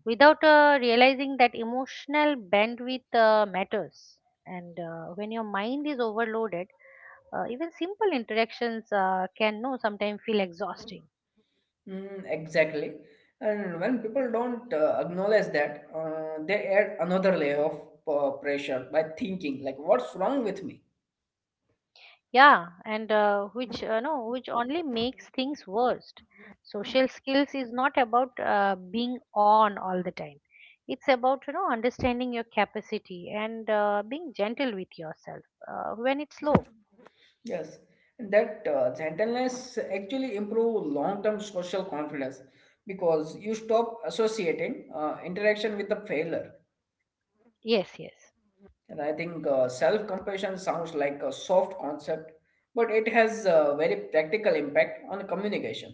[SPEAKER 2] without realizing that emotional bandwidth matters. And when your mind is overloaded, even simple interactions can no, sometimes feel exhausting.
[SPEAKER 1] Mm, exactly. And when people don't acknowledge that, they add another layer of pressure by thinking, like, what's wrong with me?
[SPEAKER 2] Yeah, and which no, which only makes things worse. Social skills is not about being on all the time. It's about understanding your capacity and being gentle with yourself when it's low.
[SPEAKER 1] Yes, and that gentleness actually improve long-term social confidence because you stop associating interaction with the failure.
[SPEAKER 2] Yes, yes.
[SPEAKER 1] And I think self-compassion sounds like a soft concept, but it has a very practical impact on communication.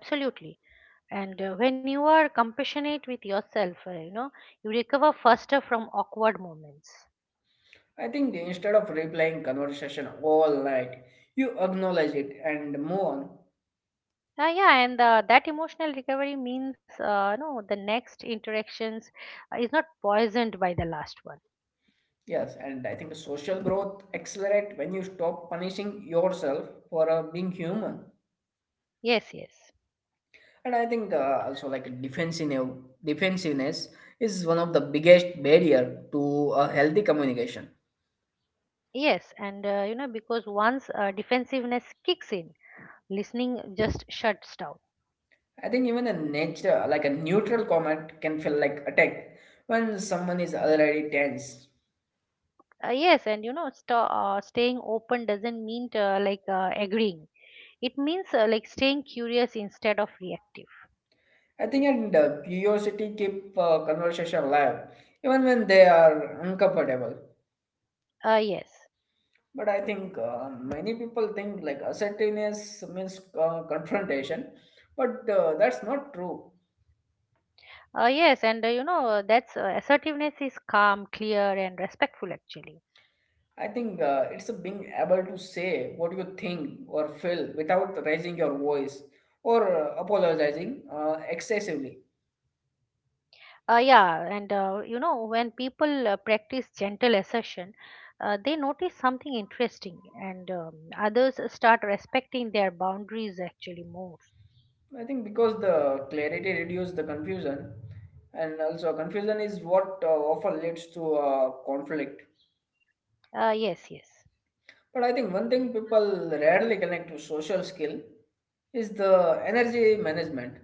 [SPEAKER 2] Absolutely. And when you are compassionate with yourself, you recover faster from awkward moments.
[SPEAKER 1] I think instead of replying conversation all night, you acknowledge it and move on.
[SPEAKER 2] Yeah, and that emotional recovery means, no, the next interactions is not poisoned by the last one.
[SPEAKER 1] Yes, and I think social growth accelerate when you stop punishing yourself for being human.
[SPEAKER 2] Yes, yes.
[SPEAKER 1] And I think also like defensiveness is one of the biggest barrier to a healthy communication.
[SPEAKER 2] Yes, and because once defensiveness kicks in, listening just shuts down.
[SPEAKER 1] I think even a nature like a neutral comment can feel like attack when someone is already tense.
[SPEAKER 2] Yes, and you know, staying open doesn't mean to, agreeing. It means staying curious instead of reactive.
[SPEAKER 1] I think and curiosity keep conversation alive even when they are uncomfortable.
[SPEAKER 2] Yes.
[SPEAKER 1] But I think many people think like assertiveness means confrontation, but that's not true.
[SPEAKER 2] Yes, and you know, that's assertiveness is calm, clear, and respectful actually.
[SPEAKER 1] I think it's a being able to say what you think or feel without raising your voice or apologizing excessively.
[SPEAKER 2] Yeah, and when people practice gentle assertion, they notice something interesting, and others start respecting their boundaries actually more.
[SPEAKER 1] I think because the clarity reduces the confusion, and also confusion is what often leads to conflict.
[SPEAKER 2] Yes, yes.
[SPEAKER 1] But I think one thing people rarely connect to social skill is the energy management.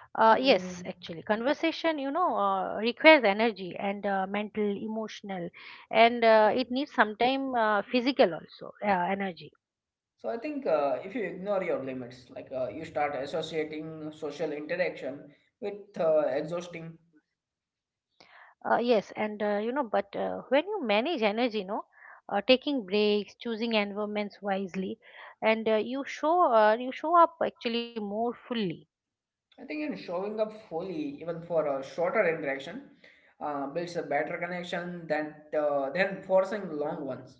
[SPEAKER 2] Yes,
[SPEAKER 1] Mm.
[SPEAKER 2] actually, conversation, requires energy, and mental, emotional, and it needs sometime physical also energy.
[SPEAKER 1] So I think if you ignore your limits, like you start associating social interaction with exhausting.
[SPEAKER 2] Yes, and you know, but when you manage energy, taking breaks, choosing environments wisely, and you show up actually more fully.
[SPEAKER 1] I think in showing up fully, even for a shorter interaction, builds a better connection than than forcing long ones.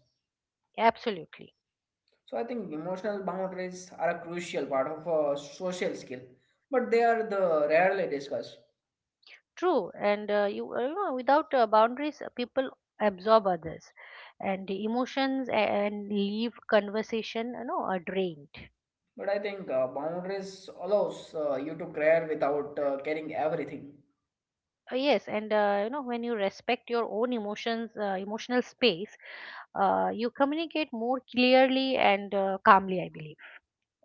[SPEAKER 2] Absolutely.
[SPEAKER 1] So I think emotional boundaries are a crucial part of a social skill, but they are the rarely discussed.
[SPEAKER 2] True, and without boundaries, people absorb others, and the emotions and leave conversation, are drained.
[SPEAKER 1] But I think boundaries allows you to care without caring everything.
[SPEAKER 2] Yes, and when you respect your own emotions, emotional space, you communicate more clearly and calmly, I believe.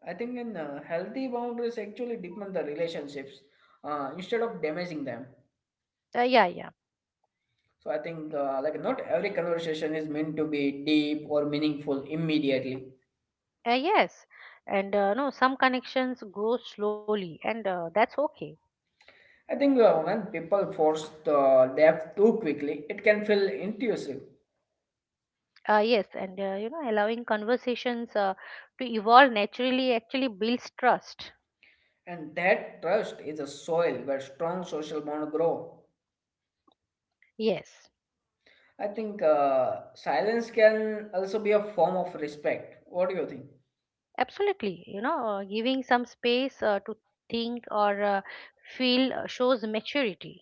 [SPEAKER 1] I think in healthy boundaries actually deepen the relationships instead of damaging them.
[SPEAKER 2] Yeah, yeah.
[SPEAKER 1] So I think like not every conversation is meant to be deep or meaningful immediately.
[SPEAKER 2] Yes, and no, some connections grow slowly, and that's okay.
[SPEAKER 1] I think when people force the depth too quickly, it can feel intrusive,
[SPEAKER 2] Yes, and allowing conversations to evolve naturally actually builds trust.
[SPEAKER 1] and that trust is a soil where strong social bond grow.
[SPEAKER 2] Yes,
[SPEAKER 1] I think silence can also be a form of respect. What do you think?
[SPEAKER 2] absolutely. Giving some space to think or feel shows maturity.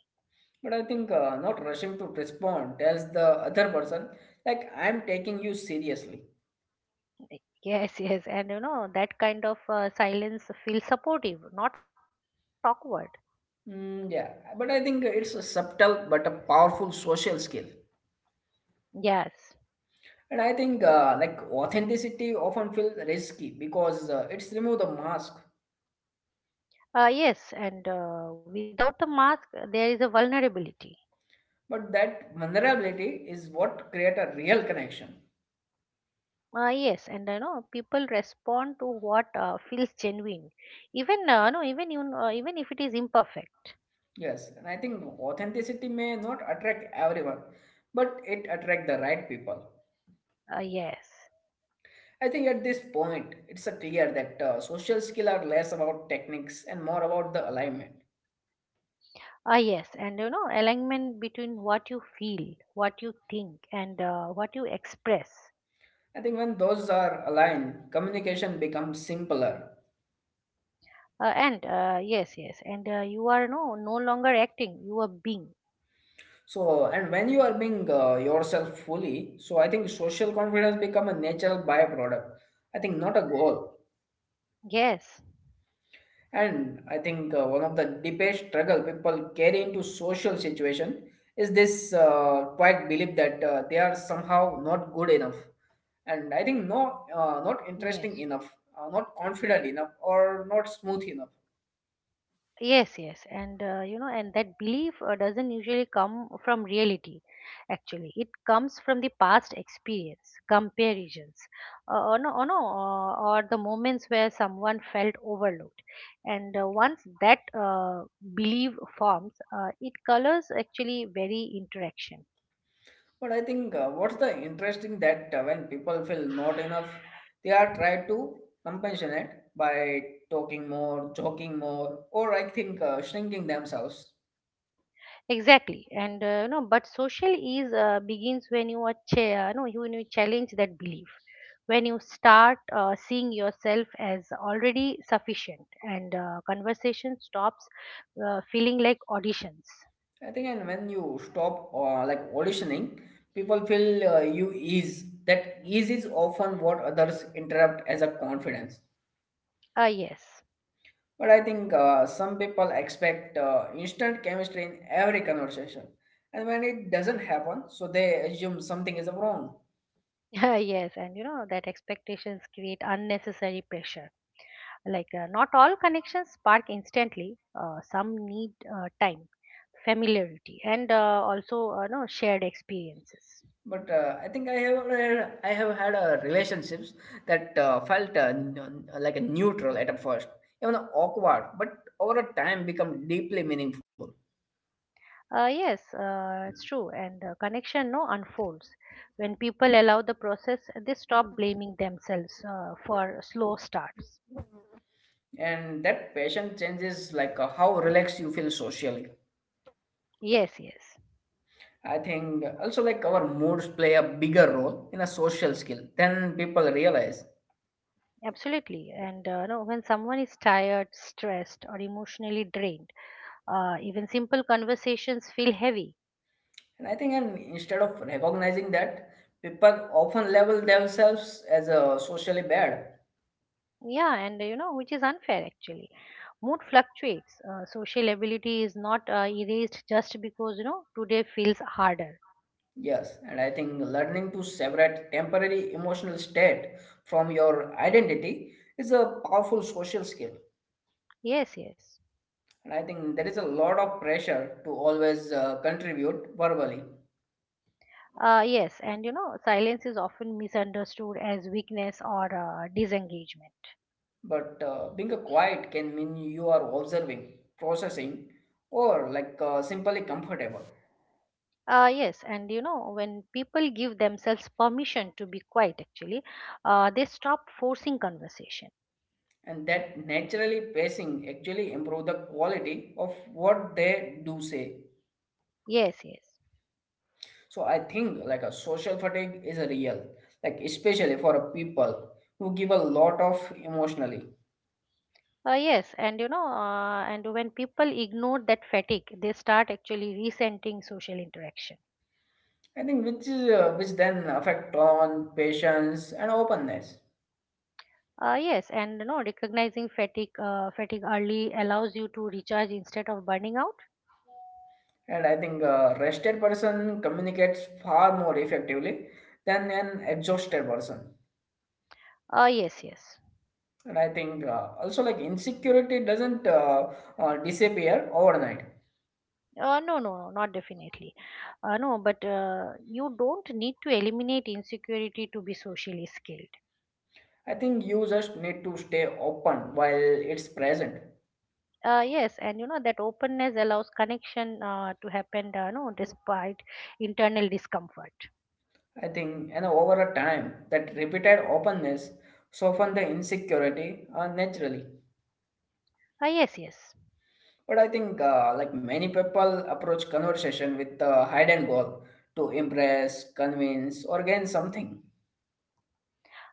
[SPEAKER 1] But I think not rushing to respond tells the other person, like, I'm taking you seriously.
[SPEAKER 2] Yes, yes. And that kind of silence feels supportive, not awkward.
[SPEAKER 1] Mm, yeah, but I think it's a subtle but a powerful social skill.
[SPEAKER 2] Yes.
[SPEAKER 1] And I think like authenticity often feels risky because it's remove the mask.
[SPEAKER 2] Yes, and without the mask, there is a vulnerability.
[SPEAKER 1] But that vulnerability is what create a real connection.
[SPEAKER 2] Yes, and people respond to what feels genuine, even no, even you know, even if it is imperfect.
[SPEAKER 1] Yes, and I think authenticity may not attract everyone, but it attract the right people.
[SPEAKER 2] Yes.
[SPEAKER 1] I think at this point, it's a clear that social skill are less about techniques and more about the alignment.
[SPEAKER 2] Ah, yes, and alignment between what you feel, what you think, and what you express.
[SPEAKER 1] I think when those are aligned, communication becomes simpler.
[SPEAKER 2] And Yes, yes, and you are no longer acting, you are being.
[SPEAKER 1] So, and when you are being yourself fully, so I think social confidence become a natural byproduct. I think not a goal.
[SPEAKER 2] Yes,
[SPEAKER 1] And I think one of the deepest struggle people carry into social situation is this quiet belief that they are somehow not good enough, and I think no, not interesting
[SPEAKER 2] yes.
[SPEAKER 1] enough, not confident enough, or not smooth enough.
[SPEAKER 2] Yes, yes, and and that belief doesn't usually come from reality. Actually, it comes from the past experience, comparisons, or no, or, no or the moments where someone felt overlooked. And once that belief forms, it colors actually very interaction.
[SPEAKER 1] But I think what's the interesting that when people feel not enough, they are try to compensate by talking more, joking more, or I think shrinking themselves.
[SPEAKER 2] Exactly, and but social ease begins when you when you challenge that belief, when you start seeing yourself as already sufficient, and conversation stops feeling like auditions.
[SPEAKER 1] I think, and when you stop like auditioning, people feel you ease. That ease is often what others interrupt as a confidence.
[SPEAKER 2] Ah, yes.
[SPEAKER 1] But I think some people expect instant chemistry in every conversation, and when it doesn't happen, so they assume something is wrong.
[SPEAKER 2] Ah, yes, and that expectations create unnecessary pressure. Not all connections spark instantly. Some need time, familiarity, and also no shared experiences.
[SPEAKER 1] But I think I have had relationships that felt like a neutral at first, even awkward, but over a time become deeply meaningful.
[SPEAKER 2] Yes, it's true. And connection no unfolds when people allow the process. They stop blaming themselves for slow starts.
[SPEAKER 1] And that passion changes like how relaxed you feel socially.
[SPEAKER 2] Yes, yes,
[SPEAKER 1] I think also like our moods play a bigger role in a social skill than people realize.
[SPEAKER 2] absolutely. And no, when someone is tired, stressed, or emotionally drained, even simple conversations feel heavy.
[SPEAKER 1] And I think and instead of recognizing that, people often label themselves as a socially bad.
[SPEAKER 2] Yeah, and which is unfair actually. Mood fluctuates. Social ability is not erased just because today feels harder.
[SPEAKER 1] Yes, and I think learning to separate temporary emotional state from your identity is a powerful social skill.
[SPEAKER 2] Yes, yes.
[SPEAKER 1] And I think there is a lot of pressure to always contribute verbally.
[SPEAKER 2] Yes, and silence is often misunderstood as weakness or disengagement.
[SPEAKER 1] But being a quiet can mean you are observing, processing, or like simply comfortable.
[SPEAKER 2] Yes, and when people give themselves permission to be quiet, actually, they stop forcing conversation.
[SPEAKER 1] And that naturally pacing actually improve the quality of what they do say.
[SPEAKER 2] Yes, yes.
[SPEAKER 1] So I think like a social fatigue is a real, like especially for a people who give a lot of emotionally.
[SPEAKER 2] Yes, and when people ignore that fatigue, they start actually resenting social interaction.
[SPEAKER 1] I think which then affect on patience and openness.
[SPEAKER 2] Yes, and recognizing fatigue, fatigue early allows you to recharge instead of burning out.
[SPEAKER 1] And I think a rested person communicates far more effectively than an exhausted person.
[SPEAKER 2] Yes, yes.
[SPEAKER 1] And I think also like insecurity doesn't disappear overnight.
[SPEAKER 2] No, no, no, not definitely. No, but you don't need to eliminate insecurity to be socially skilled.
[SPEAKER 1] I think you just need to stay open while it's present.
[SPEAKER 2] Yes, and that openness allows connection to happen, no, despite internal discomfort.
[SPEAKER 1] I think and over a time that repeated openness soften the insecurity naturally.
[SPEAKER 2] Yes, yes.
[SPEAKER 1] But I think like many people approach conversation with the hidden goal to impress, convince, or gain something.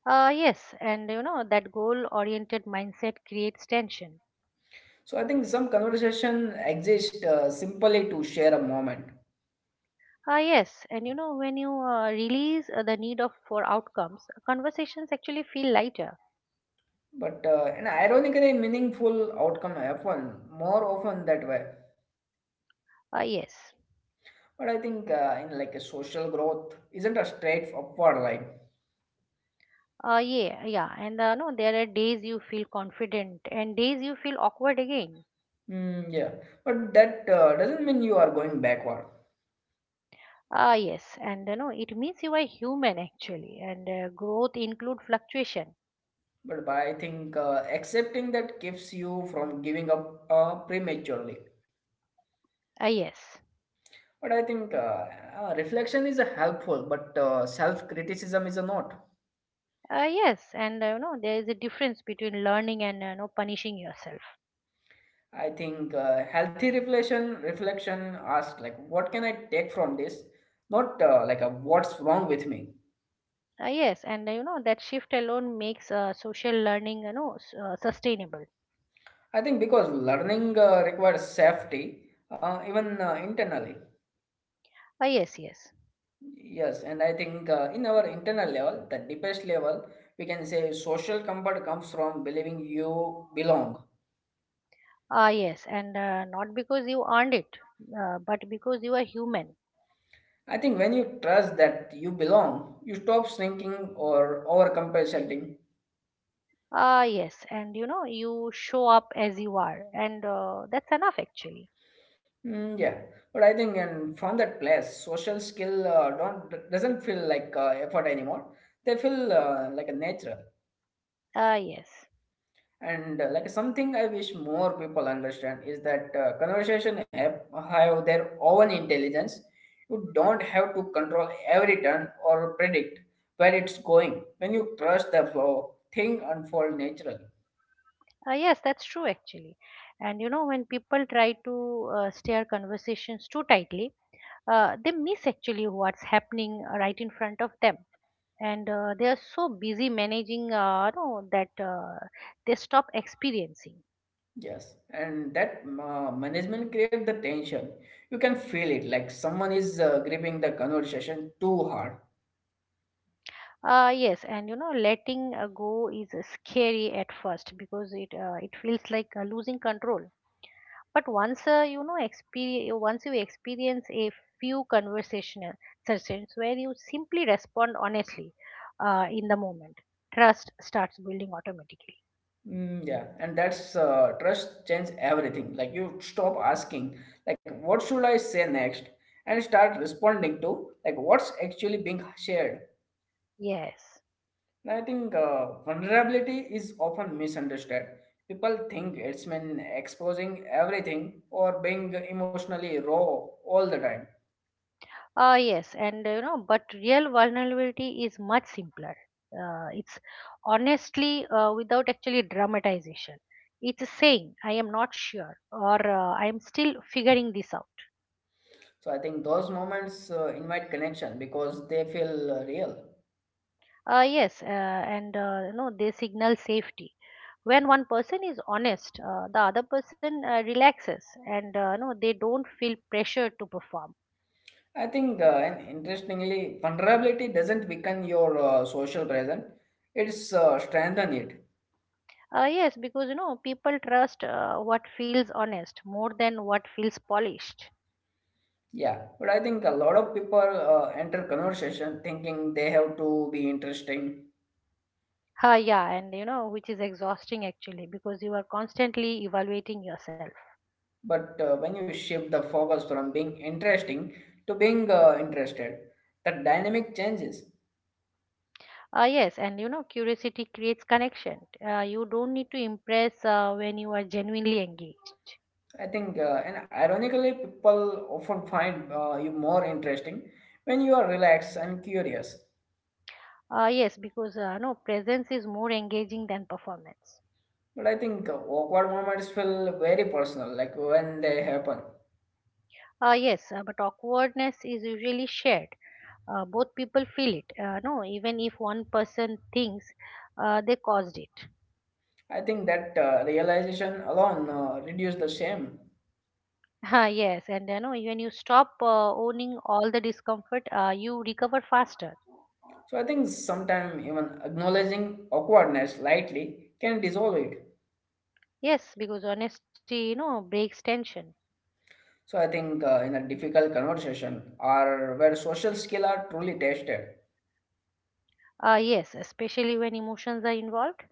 [SPEAKER 2] Yes, and that goal oriented mindset creates tension.
[SPEAKER 1] So I think some conversation exist simply to share a moment,
[SPEAKER 2] Ah, yes, and when you release the need of for outcomes, conversations actually feel lighter.
[SPEAKER 1] but an ironically meaningful outcome happen more often that way.
[SPEAKER 2] Ah, yes.
[SPEAKER 1] But I think in like a social growth isn't a straight upward line.
[SPEAKER 2] Yeah, yeah, and no, there are days you feel confident and days you feel awkward again.
[SPEAKER 1] Mm, yeah, but that doesn't mean you are going backward.
[SPEAKER 2] Ah, yes, and it means you are human actually, and growth include fluctuation.
[SPEAKER 1] But by, I think accepting that keeps you from giving up prematurely.
[SPEAKER 2] Ah, yes.
[SPEAKER 1] But I think reflection is a helpful, but self criticism is a not.
[SPEAKER 2] Ah, yes, and there is a difference between learning and punishing yourself.
[SPEAKER 1] I think healthy reflection asks like what can I take from this, not like a what's wrong with me.
[SPEAKER 2] Ah, yes, and that shift alone makes social learning sustainable.
[SPEAKER 1] I think because learning requires safety, even internally.
[SPEAKER 2] Ah, yes, yes.
[SPEAKER 1] Yes, and I think in our internal level the deepest level we can say social comfort comes from believing you belong.
[SPEAKER 2] Ah, yes, and not because you earned it, but because you are human.
[SPEAKER 1] I think when you trust that you belong, you stop shrinking or over compensating.
[SPEAKER 2] Ah, yes, and you show up as you are, and that's enough actually.
[SPEAKER 1] Mm, yeah, but I think and from that place, social skill don't d- doesn't feel like effort anymore. They feel like a natural.
[SPEAKER 2] Ah, yes.
[SPEAKER 1] And like something I wish more people understand is that conversation have their own intelligence. You don't have to control every turn or predict where it's going. When you trust the flow, thing unfold naturally.
[SPEAKER 2] Ah, yes, that's true actually. And when people try to steer conversations too tightly, they miss actually what's happening right in front of them. And they are so busy managing, no, that they stop experiencing.
[SPEAKER 1] Yes, and that management create the tension. You can feel it like someone is gripping the conversation too hard.
[SPEAKER 2] Yes, and letting go is scary at first because it feels like losing control, but once you experience a few conversational sessions where you simply respond honestly in the moment, trust starts building automatically.
[SPEAKER 1] Mm, yeah, and that's trust change everything. Like you stop asking, like what should I say next, and start responding to like what's actually being shared.
[SPEAKER 2] Yes.
[SPEAKER 1] And I think vulnerability is often misunderstood. People think it's mean exposing everything or being emotionally raw all the time.
[SPEAKER 2] Yes, and but real vulnerability is much simpler. It's honestly without actually dramatization. It's saying I am not sure, or I am still figuring this out.
[SPEAKER 1] So I think those moments invite connection because they feel real.
[SPEAKER 2] Yes. And they signal safety. When one person is honest, the other person relaxes, and they don't feel pressure to perform.
[SPEAKER 1] I think, and interestingly, vulnerability doesn't weaken your social presence; it's strengthen it.
[SPEAKER 2] Yes, because people trust what feels honest more than what feels polished.
[SPEAKER 1] Yeah, but I think a lot of people enter conversation thinking they have to be interesting.
[SPEAKER 2] Yeah, and which is exhausting actually, because you are constantly evaluating yourself.
[SPEAKER 1] But when you shift the focus from being interesting to being interested, the dynamic changes.
[SPEAKER 2] Yes, and curiosity creates connection. You don't need to impress when you are genuinely engaged.
[SPEAKER 1] I think, and ironically, people often find you more interesting when you are relaxed and curious.
[SPEAKER 2] Yes, because no presence is more engaging than performance.
[SPEAKER 1] But I think awkward moments feel very personal, like when they happen.
[SPEAKER 2] Yes, but awkwardness is usually shared. Both people feel it, even if one person thinks they caused it.
[SPEAKER 1] I think that realization alone reduces the shame.
[SPEAKER 2] Yes, and when you stop owning all the discomfort, you recover faster.
[SPEAKER 1] So I think sometimes even acknowledging awkwardness lightly can dissolve it.
[SPEAKER 2] Yes, because honesty, breaks tension.
[SPEAKER 1] So I think in a difficult conversation or where social skill are truly tested.
[SPEAKER 2] Yes, especially when emotions are involved.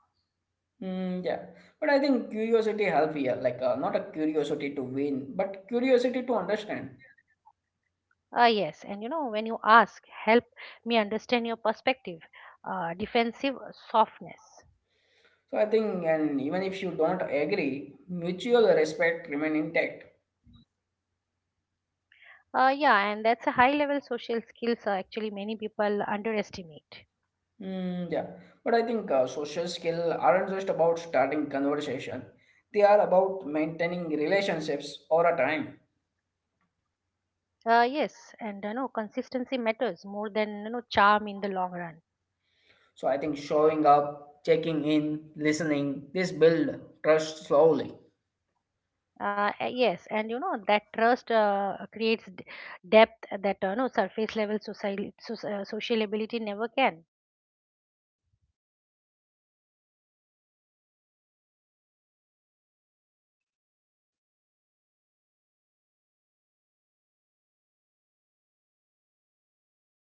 [SPEAKER 1] Mm, yeah, but I think curiosity help here, like not a curiosity to win, but curiosity to understand.
[SPEAKER 2] Yes, and when you ask, help me understand your perspective. Defensive softness.
[SPEAKER 1] So I think, and even if you don't agree, mutual respect remain intact.
[SPEAKER 2] Yeah, and that's a high level social skills actually many people underestimate.
[SPEAKER 1] Mm, yeah, but I think social skill aren't just about starting conversation; they are about maintaining relationships over a time.
[SPEAKER 2] Yes, and consistency matters more than charm in the long run.
[SPEAKER 1] So I think showing up, checking in, listening, this build trust slowly.
[SPEAKER 2] Yes, and that trust creates depth that no surface level social sociable ability never can.
[SPEAKER 1] So I think long-term relationships thrive on emotional reliability. So I think one subtle social mistake trying to sense like people through the conversation